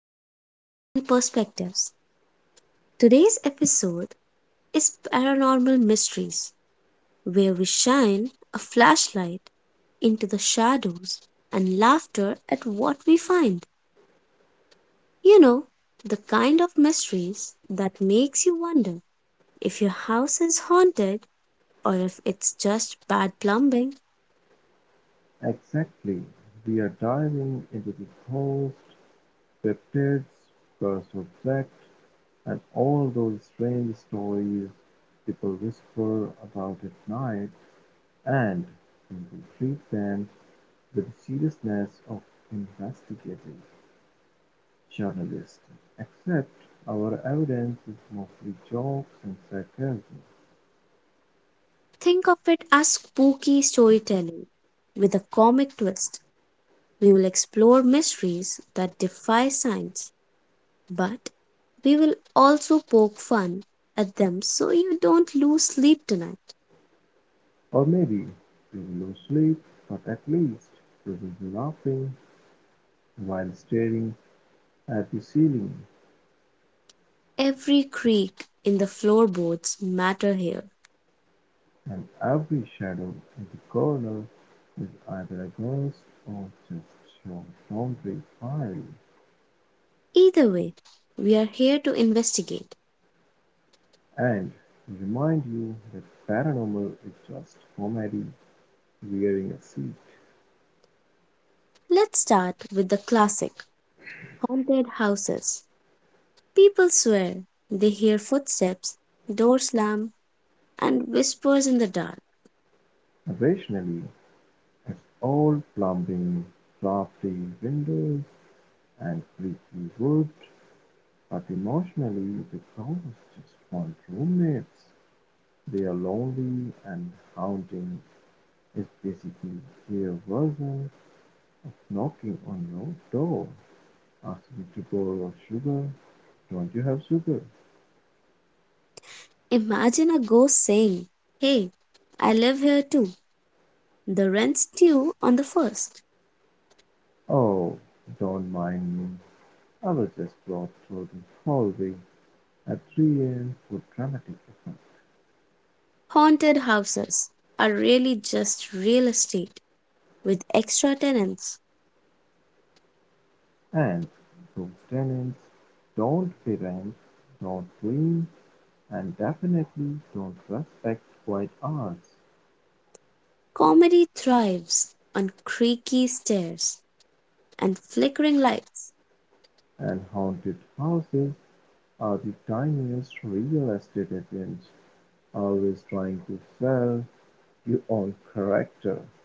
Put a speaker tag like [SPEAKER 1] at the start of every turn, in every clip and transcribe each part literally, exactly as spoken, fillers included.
[SPEAKER 1] Pages and Perspectives. Today's episode is Paranormal Mysteries, where we shine a flashlight into the shadows and laughter at what we find. You know, the kind of mysteries that makes you wonder if your house is haunted or if it's just bad plumbing.
[SPEAKER 2] Exactly, we are diving into the host, cryptids, cursed objects, and all those strange stories people whisper about at night, and when we treat them with the seriousness of investigative journalists. Except our evidence is mostly jokes and sarcasm,
[SPEAKER 1] Think of it as spooky storytelling with a comic twist. We will explore mysteries that defy science, but we will also poke fun at them so you don't lose sleep tonight.
[SPEAKER 2] or maybe we will lose sleep, but at least we will be laughing while staring at the ceiling.
[SPEAKER 1] Every creak in the floorboards matter here.
[SPEAKER 2] And every shadow in the corner is either a ghost or just your laundry pile.
[SPEAKER 1] Either way, we are here to investigate.
[SPEAKER 2] And remind you that paranormal is just comedy wearing a suit.
[SPEAKER 1] Let's start with the classic haunted houses. People swear they hear footsteps, door slam, and whispers in the dark.
[SPEAKER 2] Occasionally, it's all plumbing, drafty windows, and creaky wood, but emotionally, the ghosts just want roommates. They are lonely and haunting is basically their version knocking on your door asking to borrow sugar. Don't you have sugar?
[SPEAKER 1] Imagine a ghost saying, "Hey, I live here too. The rents due on the first."
[SPEAKER 2] Oh, don't mind me. I was just brought through the hallway at three a m for dramatic effect.
[SPEAKER 1] Haunted houses are really just real estate with extra tenants.
[SPEAKER 2] And those tenants don't pay rent, don't clean, and definitely don't respect quiet hours.
[SPEAKER 1] Comedy thrives on creaky stairs and flickering lights.
[SPEAKER 2] And haunted houses are the tiniest real estate agents, always trying to sell your own character,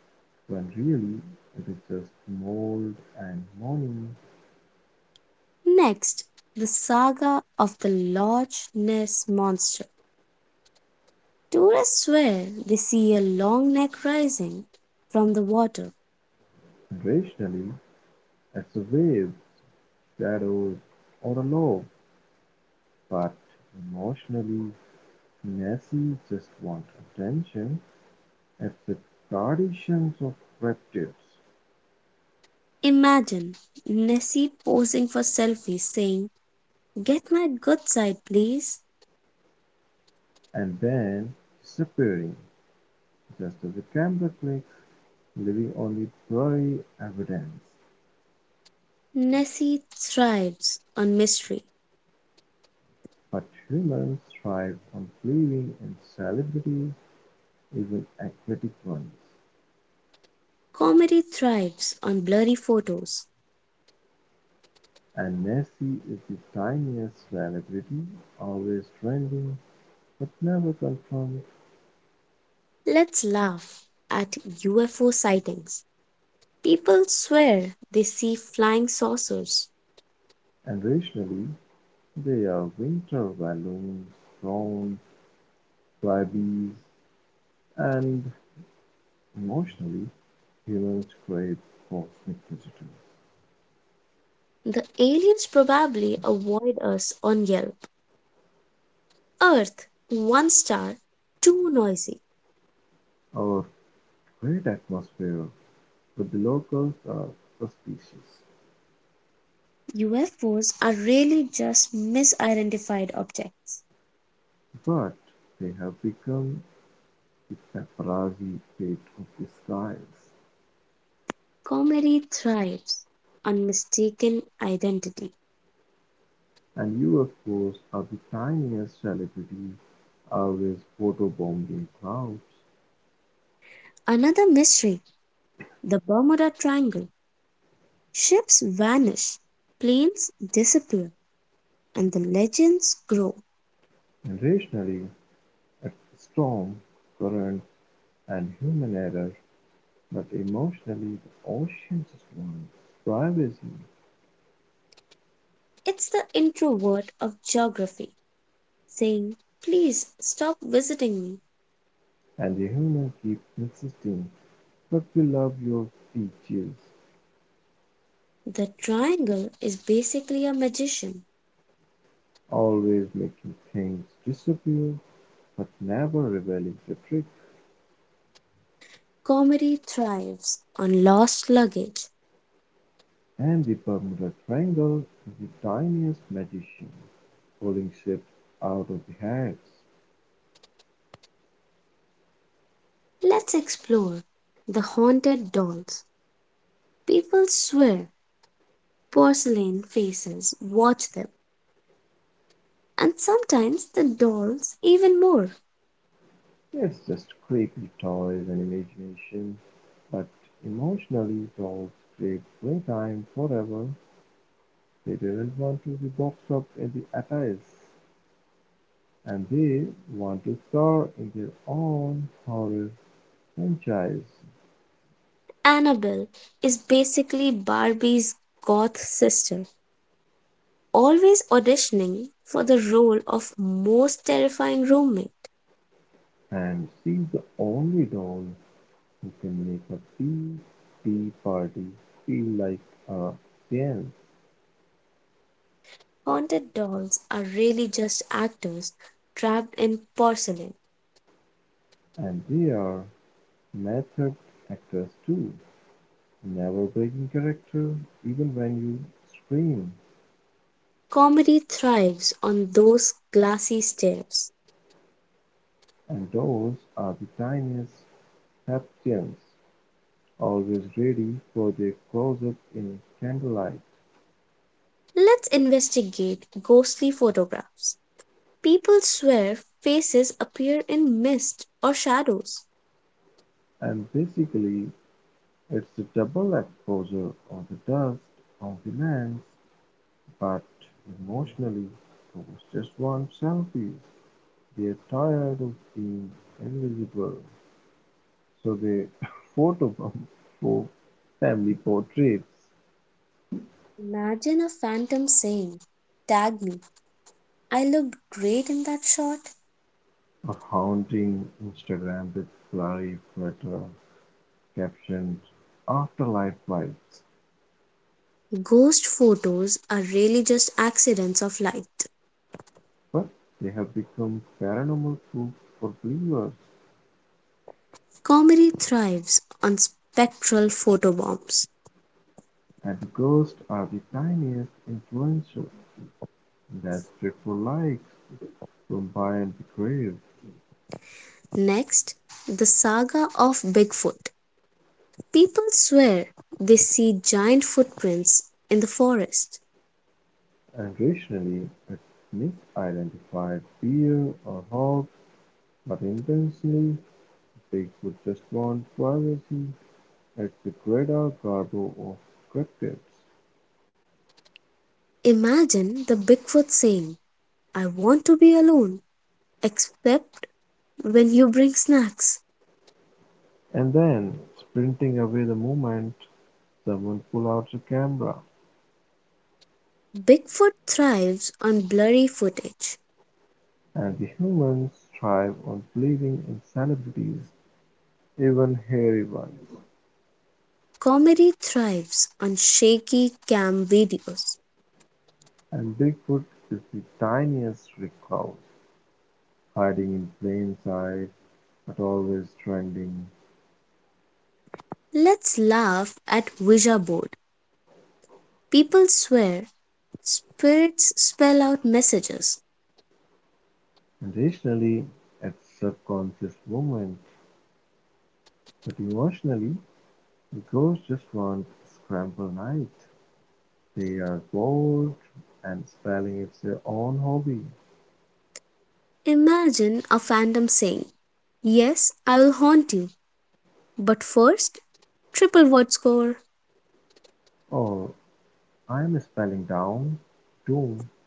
[SPEAKER 2] when really it is just mold and moaning.
[SPEAKER 1] Next, the saga of the Loch Ness Monster. Tourists swear they see a long neck rising from the water.
[SPEAKER 2] Rationally, it's waves, shadows, or a log, but emotionally Nessie just wants attention. It's the traditions of reptiles
[SPEAKER 1] Imagine Nessie posing for selfies saying, "Get my good side, please."
[SPEAKER 2] and then disappearing just as a camera clicks, leaving only blurry evidence.
[SPEAKER 1] Nessie thrives on mystery.
[SPEAKER 2] But humans thrive on believing in celebrities, even aquatic ones.
[SPEAKER 1] Comedy thrives on blurry photos.
[SPEAKER 2] And Nessie is the tiniest celebrity, always trending, but never confirmed.
[SPEAKER 1] Let's laugh at U F O sightings. People swear they see flying saucers.
[SPEAKER 2] And rationally, they are winter balloons thrown by bees, and emotionally, humans crave cosmic visitors.
[SPEAKER 1] The aliens probably avoid us on Yelp. Earth, one star, too noisy.
[SPEAKER 2] Our great atmosphere with the locals are suspicious,
[SPEAKER 1] U F Os are really just misidentified objects.
[SPEAKER 2] but they have become the paparazzi pet of the skies.
[SPEAKER 1] Comedy thrives on mistaken identity.
[SPEAKER 2] And U F Os are the tiniest celebrities, always photobombing clouds.
[SPEAKER 1] Another mystery, the Bermuda Triangle. Ships vanish, planes disappear, and the legends grow.
[SPEAKER 2] Irrationally at storm currents and human error, but emotionally the ocean just wants privacy,
[SPEAKER 1] It's the introvert of geography saying, "Please stop visiting me."
[SPEAKER 2] and the human keeps insisting, but we love your features,
[SPEAKER 1] The triangle is basically a magician.
[SPEAKER 2] always making things disappear, but never revealing the trick.
[SPEAKER 1] Comedy thrives on lost luggage.
[SPEAKER 2] And the Bermuda Triangle is the tiniest magician, pulling ships out of the hags.
[SPEAKER 1] Let's explore the haunted dolls. People swear porcelain faces watch them, and sometimes the dolls even more.
[SPEAKER 2] It's just creepy toys and imagination, but emotionally, dolls crave playtime forever. They didn't want to be boxed up in the attics, and they want to star in their own horror franchise.
[SPEAKER 1] Annabelle is basically Barbie's goth sister, always auditioning for the role of most terrifying roommate.
[SPEAKER 2] And see the only doll you can make a tea tea party feel like a dance.
[SPEAKER 1] Haunted dolls are really just actors trapped in porcelain.
[SPEAKER 2] And they are method actors too, never breaking character even when you scream.
[SPEAKER 1] Comedy thrives on those glassy stares.
[SPEAKER 2] And those are the tiniest Heptians, always ready for their close-up in candlelight.
[SPEAKER 1] Let's investigate ghostly photographs. People swear faces appear in mist or shadows.
[SPEAKER 2] And basically, it's a double exposure of the dust on the lens, but emotionally, it was just one selfies. They're tired of being invisible, so they photobomb for family portraits,
[SPEAKER 1] Imagine a phantom saying, "Tag me, I looked great in that shot."
[SPEAKER 2] or haunting Instagram with blurry, clutter-captioned afterlife vibes.
[SPEAKER 1] Ghost photos are really just accidents of light.
[SPEAKER 2] But they have become paranormal proof for believers,
[SPEAKER 1] Comedy thrives on spectral photobombs.
[SPEAKER 2] and ghosts are the tiniest influencer desperate for likes from beyond the grave.
[SPEAKER 1] Next, the saga of Bigfoot. People swear they see giant footprints in the forest.
[SPEAKER 2] And rationally, it's misidentified fear or hope. But intensely, they would just want privacy at the greater garbo of cryptids,
[SPEAKER 1] Imagine the Bigfoot saying, "I want to be alone, except when you bring snacks."
[SPEAKER 2] and then, sprinting away the moment someone pulled out a camera.
[SPEAKER 1] Bigfoot thrives on blurry footage.
[SPEAKER 2] And the humans thrive on believing in celebrities, even hairy ones.
[SPEAKER 1] Comedy thrives on shaky cam videos.
[SPEAKER 2] And Bigfoot is the tiniest recluse, hiding in plain sight, but always trending.
[SPEAKER 1] Let's laugh at Ouija board. People swear spirits spell out messages.
[SPEAKER 2] And rationally, at subconscious moment, but emotionally, ghosts just want scramble night. They are bored and spelling is their own hobby.
[SPEAKER 1] Imagine a phantom saying, "Yes, I will haunt you, but first, triple word score."
[SPEAKER 2] Oh, I'm spelling down, doom,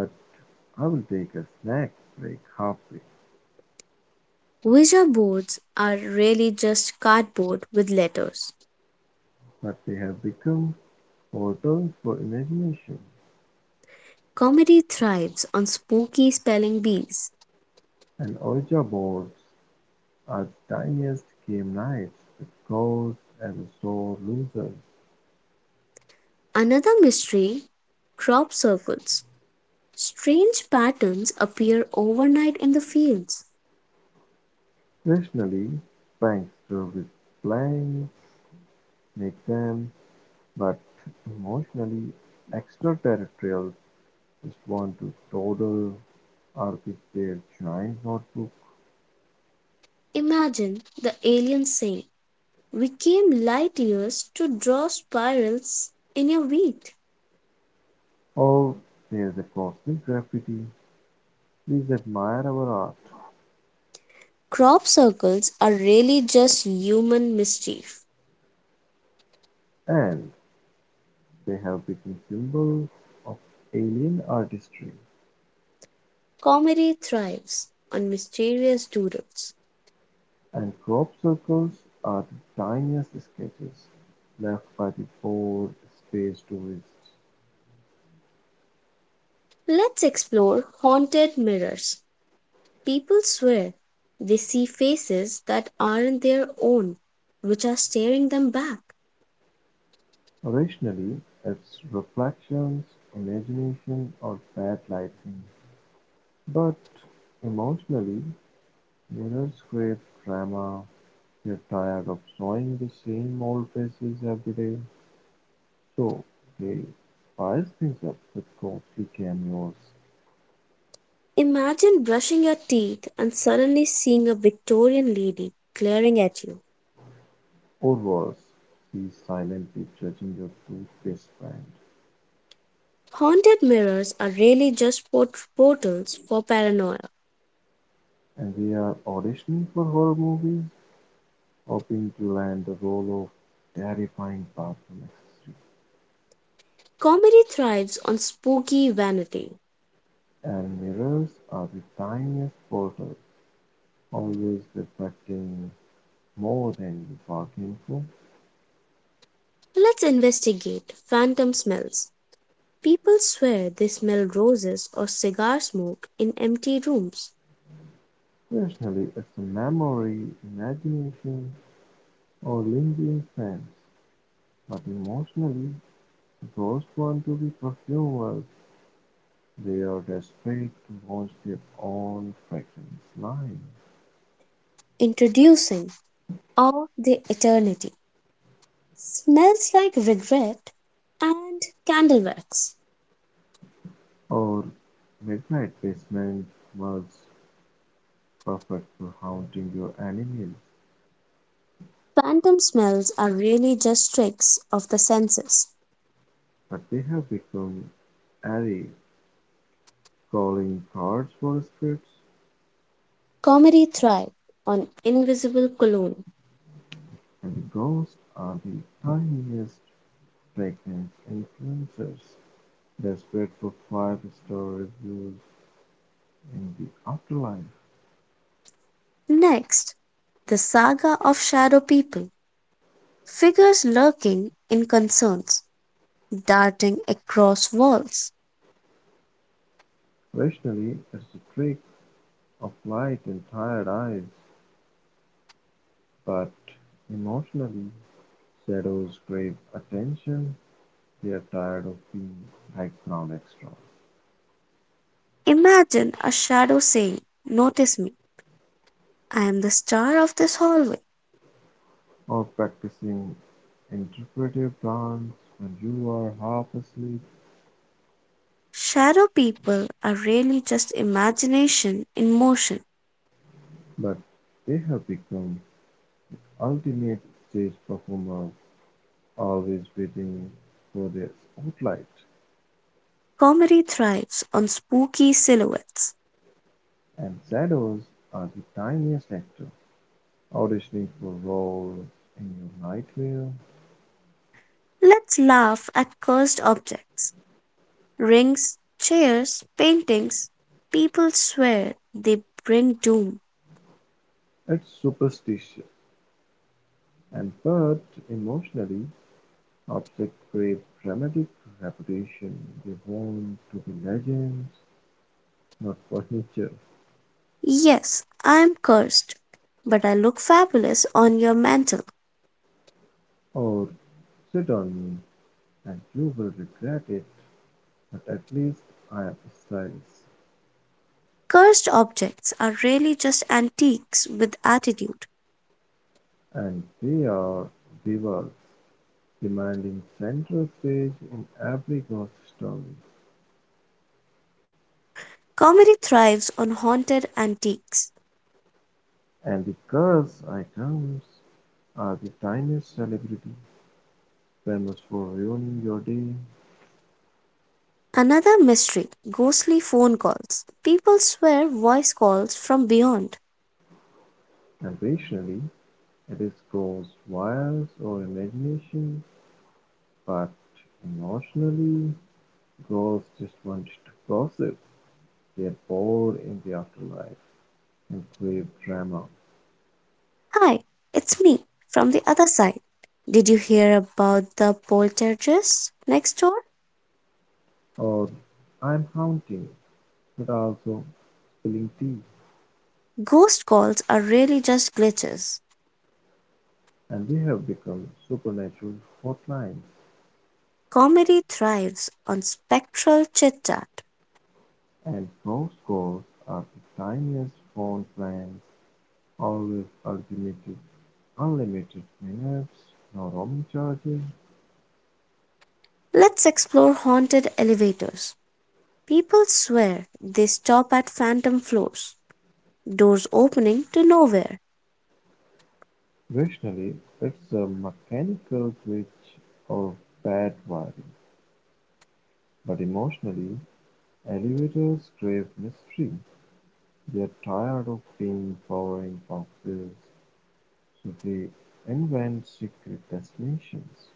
[SPEAKER 2] but I will take a snack break halfway.
[SPEAKER 1] Ouija boards are really just cardboard with letters.
[SPEAKER 2] But they have become portals for imagination,
[SPEAKER 1] Comedy thrives on spooky spelling bees.
[SPEAKER 2] and Ouija boards are the tiniest game nights with ghosts and the sore losers.
[SPEAKER 1] Another mystery, crop circles. Strange patterns appear overnight in the fields.
[SPEAKER 2] Rationally, banks serve with blanks make them. But emotionally, extraterrestrials respond to total or with their giant notebook,
[SPEAKER 1] Imagine the aliens saying, "We came light years to draw spirals in your wheat."
[SPEAKER 2] or there's a cosmic graffiti. Please admire our art.
[SPEAKER 1] Crop circles are really just human mischief.
[SPEAKER 2] And they have become symbols of alien artistry.
[SPEAKER 1] Comedy thrives on mysterious doodles.
[SPEAKER 2] And crop circles are the tiniest sketches left by the bored space tourists.
[SPEAKER 1] Let's explore haunted mirrors. People swear they see faces that aren't their own, which are staring them back.
[SPEAKER 2] Originally, it's reflections, imagination, or bad lighting. But emotionally, mirrors create drama, they're tired of showing the same old faces every day, so they spice things up with ghostly cameos,
[SPEAKER 1] Imagine brushing your teeth and suddenly seeing a Victorian lady glaring at you.
[SPEAKER 2] or worse, she's silently judging your toothpaste brand.
[SPEAKER 1] Haunted mirrors are really just port- portals for paranoia.
[SPEAKER 2] And they are auditioning for horror movies, hoping to land the role of terrifying bathroom accessory.
[SPEAKER 1] Comedy thrives on spooky vanity.
[SPEAKER 2] And mirrors are the tiniest portal, always reflecting more than you bargained for.
[SPEAKER 1] Let's investigate phantom smells. People swear they smell roses or cigar smoke in empty rooms.
[SPEAKER 2] Rationally it's the memory, imagination, or lingering sense, but emotionally those want to be perfumers. They are desperate to launch their own fragrance line.
[SPEAKER 1] Introducing Of the Eternity. Smells like regret and candle wax.
[SPEAKER 2] Or midnight basement was perfect for haunting your enemies,
[SPEAKER 1] Phantom smells are really just tricks of the senses.
[SPEAKER 2] but they have become airy, calling cards for spirits,
[SPEAKER 1] Comedy thrives on invisible cologne.
[SPEAKER 2] and ghosts are the tiniest pregnant influencers desperate for five-star reviews in the afterlife.
[SPEAKER 1] Next, the saga of shadow people, figures lurking in concerns, darting across walls.
[SPEAKER 2] Rationally, it's a trick of light and tired eyes, but emotionally, shadows crave attention. They are tired of being background extras,
[SPEAKER 1] Imagine a shadow saying, "Notice me, I am the star of this hallway."
[SPEAKER 2] or practicing interpretive dance when you are half asleep,
[SPEAKER 1] Shadow people are really just imagination in motion.
[SPEAKER 2] but they have become ultimate stage performers, always waiting for their spotlight.
[SPEAKER 1] Comedy thrives on spooky silhouettes.
[SPEAKER 2] And shadows are the tiniest actor, auditioning for roles in your nightmare.
[SPEAKER 1] Let's laugh at cursed objects, rings, chairs, paintings. People swear they bring doom.
[SPEAKER 2] It's superstitious, and but emotionally objects crave dramatic reputation. They want to be legends, not furniture.
[SPEAKER 1] "Yes, I am cursed, but I look fabulous on your mantle."
[SPEAKER 2] Or sit on me and you will regret it. But at least I have styles.
[SPEAKER 1] Cursed objects are really just antiques with attitude.
[SPEAKER 2] And they are divas, demanding center stage in every ghost story.
[SPEAKER 1] Comedy thrives on haunted antiques.
[SPEAKER 2] And the girl's items are the tiniest celebrity, famous for ruining your day.
[SPEAKER 1] Another mystery, ghostly phone calls. People swear voice calls from beyond.
[SPEAKER 2] Occasionally, it is goes wires or imagination, but emotionally, girls just want to gossip. They are bored in the afterlife and crave drama.
[SPEAKER 1] "Hi, it's me from the other side. Did you hear about the poltergeist next door?"
[SPEAKER 2] Or I'm haunting, but also spilling tea,
[SPEAKER 1] Ghost calls are really just glitches.
[SPEAKER 2] and they have become supernatural hotlines.
[SPEAKER 1] Comedy thrives on spectral chit chat.
[SPEAKER 2] And most goals are the tiniest phone plans, always unlimited, unlimited, minutes, no roaming charges.
[SPEAKER 1] Let's explore haunted elevators. People swear they stop at phantom floors, doors opening to nowhere.
[SPEAKER 2] Rationally, it's a mechanical glitch of bad wiring. But emotionally, elevators crave mystery. They're tired of being boring boxes, so they invent secret destinations.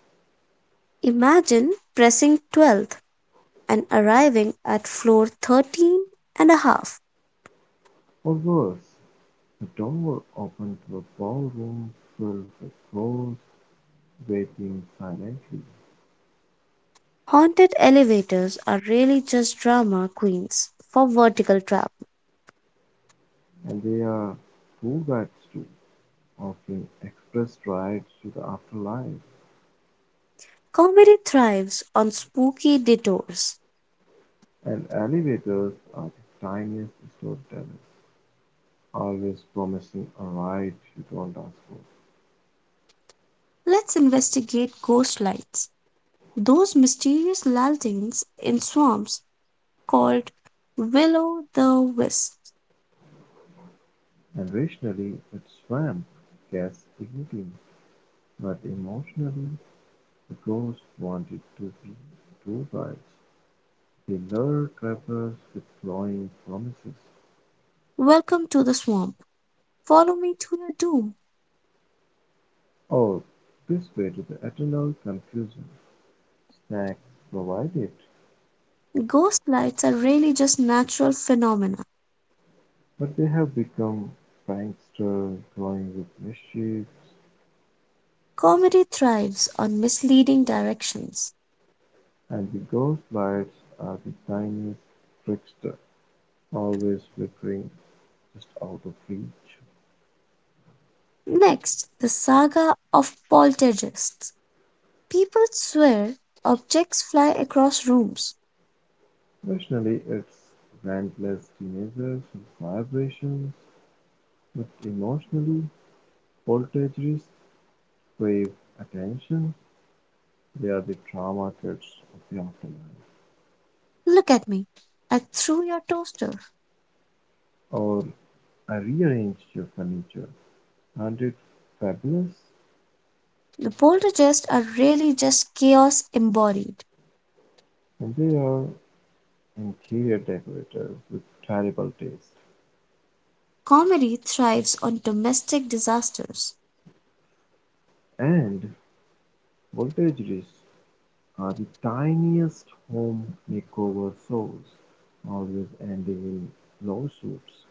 [SPEAKER 1] Imagine pressing twelfth and arriving at floor thirteen and a half.
[SPEAKER 2] Or worse, the door opened to a ballroom filled with ghosts, waiting silently,
[SPEAKER 1] Haunted elevators are really just drama queens for vertical travel.
[SPEAKER 2] and there are tour guides too, offering express rides to the afterlife,
[SPEAKER 1] Comedy thrives on spooky detours.
[SPEAKER 2] and elevators are the tiniest storytellers, always promising a ride you don't ask for.
[SPEAKER 1] Let's investigate ghost lights, those mysterious lanterns in swamps called Willow the Wisp.
[SPEAKER 2] And rationally, it's swamp gets igniting, but emotionally, the ghosts wanted to be tour guides. They lure travelers with glowing promises.
[SPEAKER 1] "Welcome to the swamp. Follow me to your doom."
[SPEAKER 2] Oh, this way to the eternal confusion. Snacks provided,
[SPEAKER 1] Ghost lights are really just natural phenomena.
[SPEAKER 2] but they have become pranksters toying with mischief,
[SPEAKER 1] Comedy thrives on misleading directions.
[SPEAKER 2] and the ghost lights are the tiniest trickster, always flickering just out of reach.
[SPEAKER 1] Next, the saga of poltergeists. People swear objects fly across rooms.
[SPEAKER 2] Rationally, it's relentless teenagers with vibrations, but emotionally, poltergeists crave attention. They are the drama kids of the afterlife.
[SPEAKER 1] "Look at me. I threw your toaster."
[SPEAKER 2] Or I rearranged your furniture. Aren't it fabulous?
[SPEAKER 1] The poltergeists are really just chaos embodied.
[SPEAKER 2] And they are interior decorator with terrible taste,
[SPEAKER 1] Comedy thrives on domestic disasters.
[SPEAKER 2] and voltage Voltage's are the tiniest home makeover shows, always ending in lawsuits.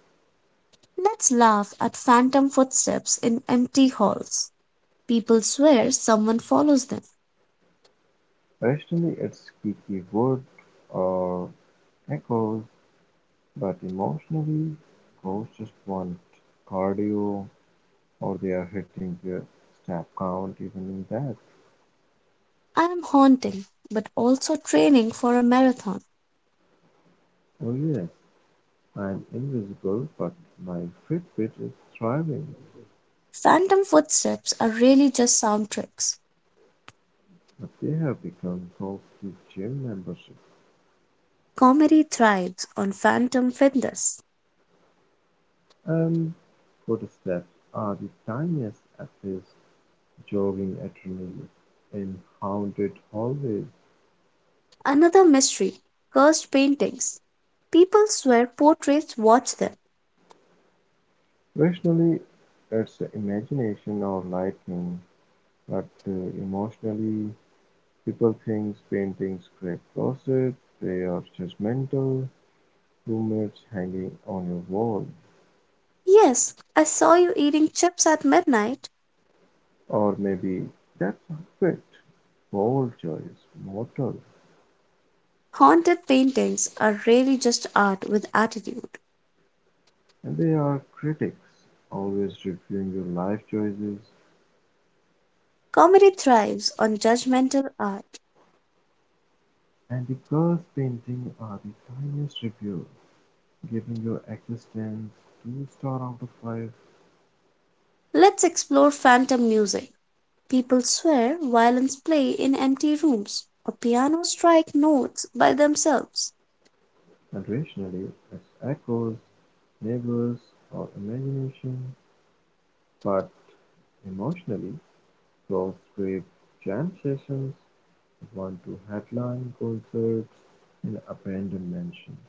[SPEAKER 1] Let's laugh at phantom footsteps in empty halls. People swear someone follows them.
[SPEAKER 2] Rationally it's Kiki Wood or echoes, but emotionally ghosts just want cardio, or they are hitting their step count even in that.
[SPEAKER 1] "I am haunting, but also training for a marathon."
[SPEAKER 2] Oh yes, I'm invisible, but my Fitbit is thriving.
[SPEAKER 1] Phantom footsteps are really just sound tricks.
[SPEAKER 2] But they have become Gold's gym membership,
[SPEAKER 1] Comedy thrives on phantom fitness.
[SPEAKER 2] and footsteps are the tiniest of his jogging eternally in haunted hallways.
[SPEAKER 1] Another mystery, cursed paintings. People swear portraits watch them.
[SPEAKER 2] Rationally, it's imagination or lightning, but uh, emotionally, people think paintings scrape gossip, they are judgmental, rumors hanging on your wall.
[SPEAKER 1] "Yes, I saw you eating chips at midnight."
[SPEAKER 2] Or maybe that's a bit bold choice, mortal.
[SPEAKER 1] Haunted paintings are really just art with attitude.
[SPEAKER 2] And there are critics, always reviewing your life choices,
[SPEAKER 1] Comedy thrives on judgmental art.
[SPEAKER 2] and the girls painting are the tiniest review, giving your existence two stars out of five,
[SPEAKER 1] Let's explore phantom music. People swear, violins play in empty rooms, or pianos strike notes by themselves.
[SPEAKER 2] and rationally it's echoes, neighbors, or imagination, but emotionally girls crave jam sessions, one to headline concerts in abandoned mansions.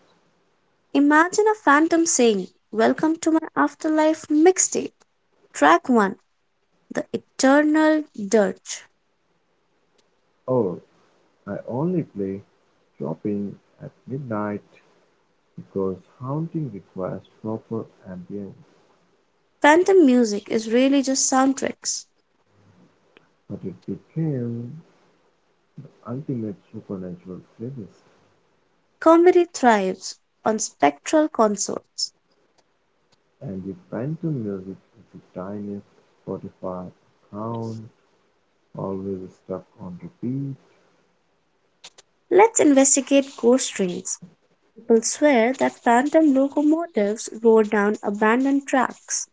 [SPEAKER 1] Imagine a phantom saying, "Welcome to my afterlife mixtape. Track one, The Eternal Dirge."
[SPEAKER 2] Or I only play shopping at midnight because haunting requires proper ambience,
[SPEAKER 1] Phantom music is really just soundtracks.
[SPEAKER 2] but it became ultimate supernatural playlist,
[SPEAKER 1] Comedy thrives on spectral consorts.
[SPEAKER 2] and the Phantom Music is the tiniest Spotify account, always stuck on repeat.
[SPEAKER 1] Let's investigate ghost rings. People swear that phantom locomotives roar down abandoned tracks.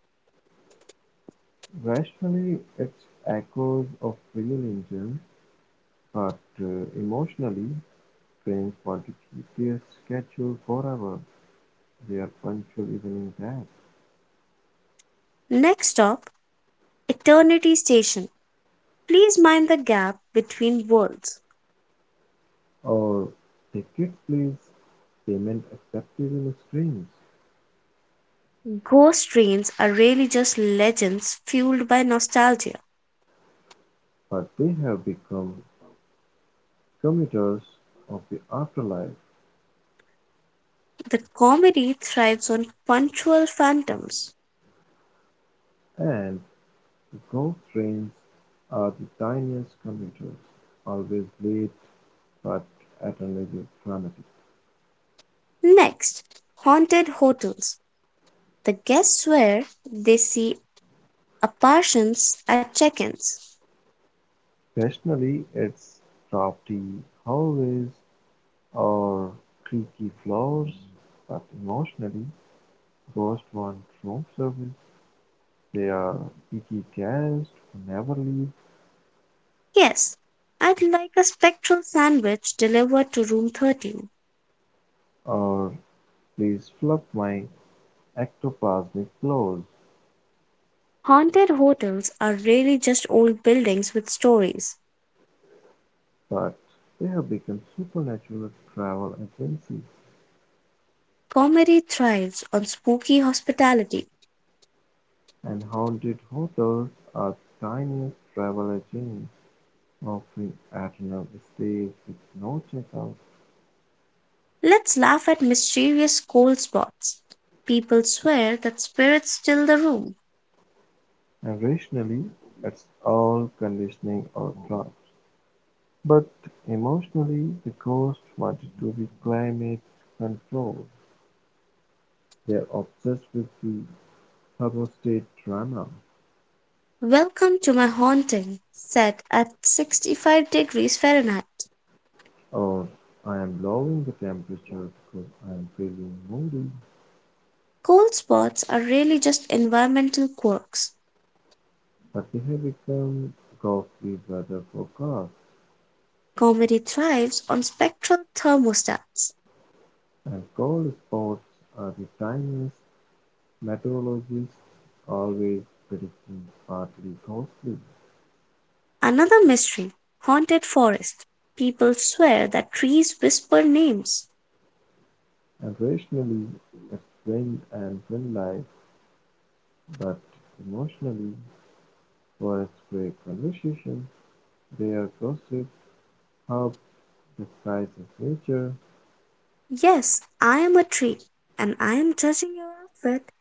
[SPEAKER 2] Rationally, it's echoes of real engine, but uh, emotionally, trains want to keep their schedule forever. They are punctual even in that.
[SPEAKER 1] "Next stop, Eternity Station. Please mind the gap between worlds."
[SPEAKER 2] Or tickets, please. Payment accepted in streams.
[SPEAKER 1] Ghost trains are really just legends fueled by nostalgia.
[SPEAKER 2] But they have become commuters of the afterlife,
[SPEAKER 1] The comedy thrives on punctual phantoms.
[SPEAKER 2] and ghost trains are the tiniest commuters, always late but eternally dramatic.
[SPEAKER 1] Next, haunted hotels. The guests swear they see apparitions at check ins.
[SPEAKER 2] Occasionally it's drafty hallways or creaky floors, but emotionally, ghosts want room service. They are picky guests who never leave,
[SPEAKER 1] "Yes, I'd like a spectral sandwich delivered to room thirteen"
[SPEAKER 2] or please fluff my ectoplasmic clothes.
[SPEAKER 1] Haunted hotels are really just old buildings with stories.
[SPEAKER 2] But they have become supernatural travel agencies,
[SPEAKER 1] Comedy thrives on spooky hospitality.
[SPEAKER 2] and haunted hotels are tiniest travel agents offering eternal stays with no checkout.
[SPEAKER 1] Let's laugh at mysterious cold spots. People swear that spirits still the room.
[SPEAKER 2] And rationally, it's all conditioning or trust. But emotionally, the ghost wanted to be climate controlled. They're obsessed with the thermostat drama,
[SPEAKER 1] "Welcome to my haunting, set at sixty-five degrees Fahrenheit."
[SPEAKER 2] or I am lowering the temperature because I am feeling moody.
[SPEAKER 1] Cold spots are really just environmental quirks.
[SPEAKER 2] But they have become Goffey's brother for cars,
[SPEAKER 1] Comedy thrives on spectral thermostats.
[SPEAKER 2] and cold spots are the tiniest, meteorologists always predicting partly ghostly,
[SPEAKER 1] Another mystery, haunted forest. People swear that trees whisper names.
[SPEAKER 2] and rationally as wind and wildlife, but emotionally, for a stray conversation, they are gossip hub disguised as nature,
[SPEAKER 1] "Yes, I am a tree, and I am judging your outfit."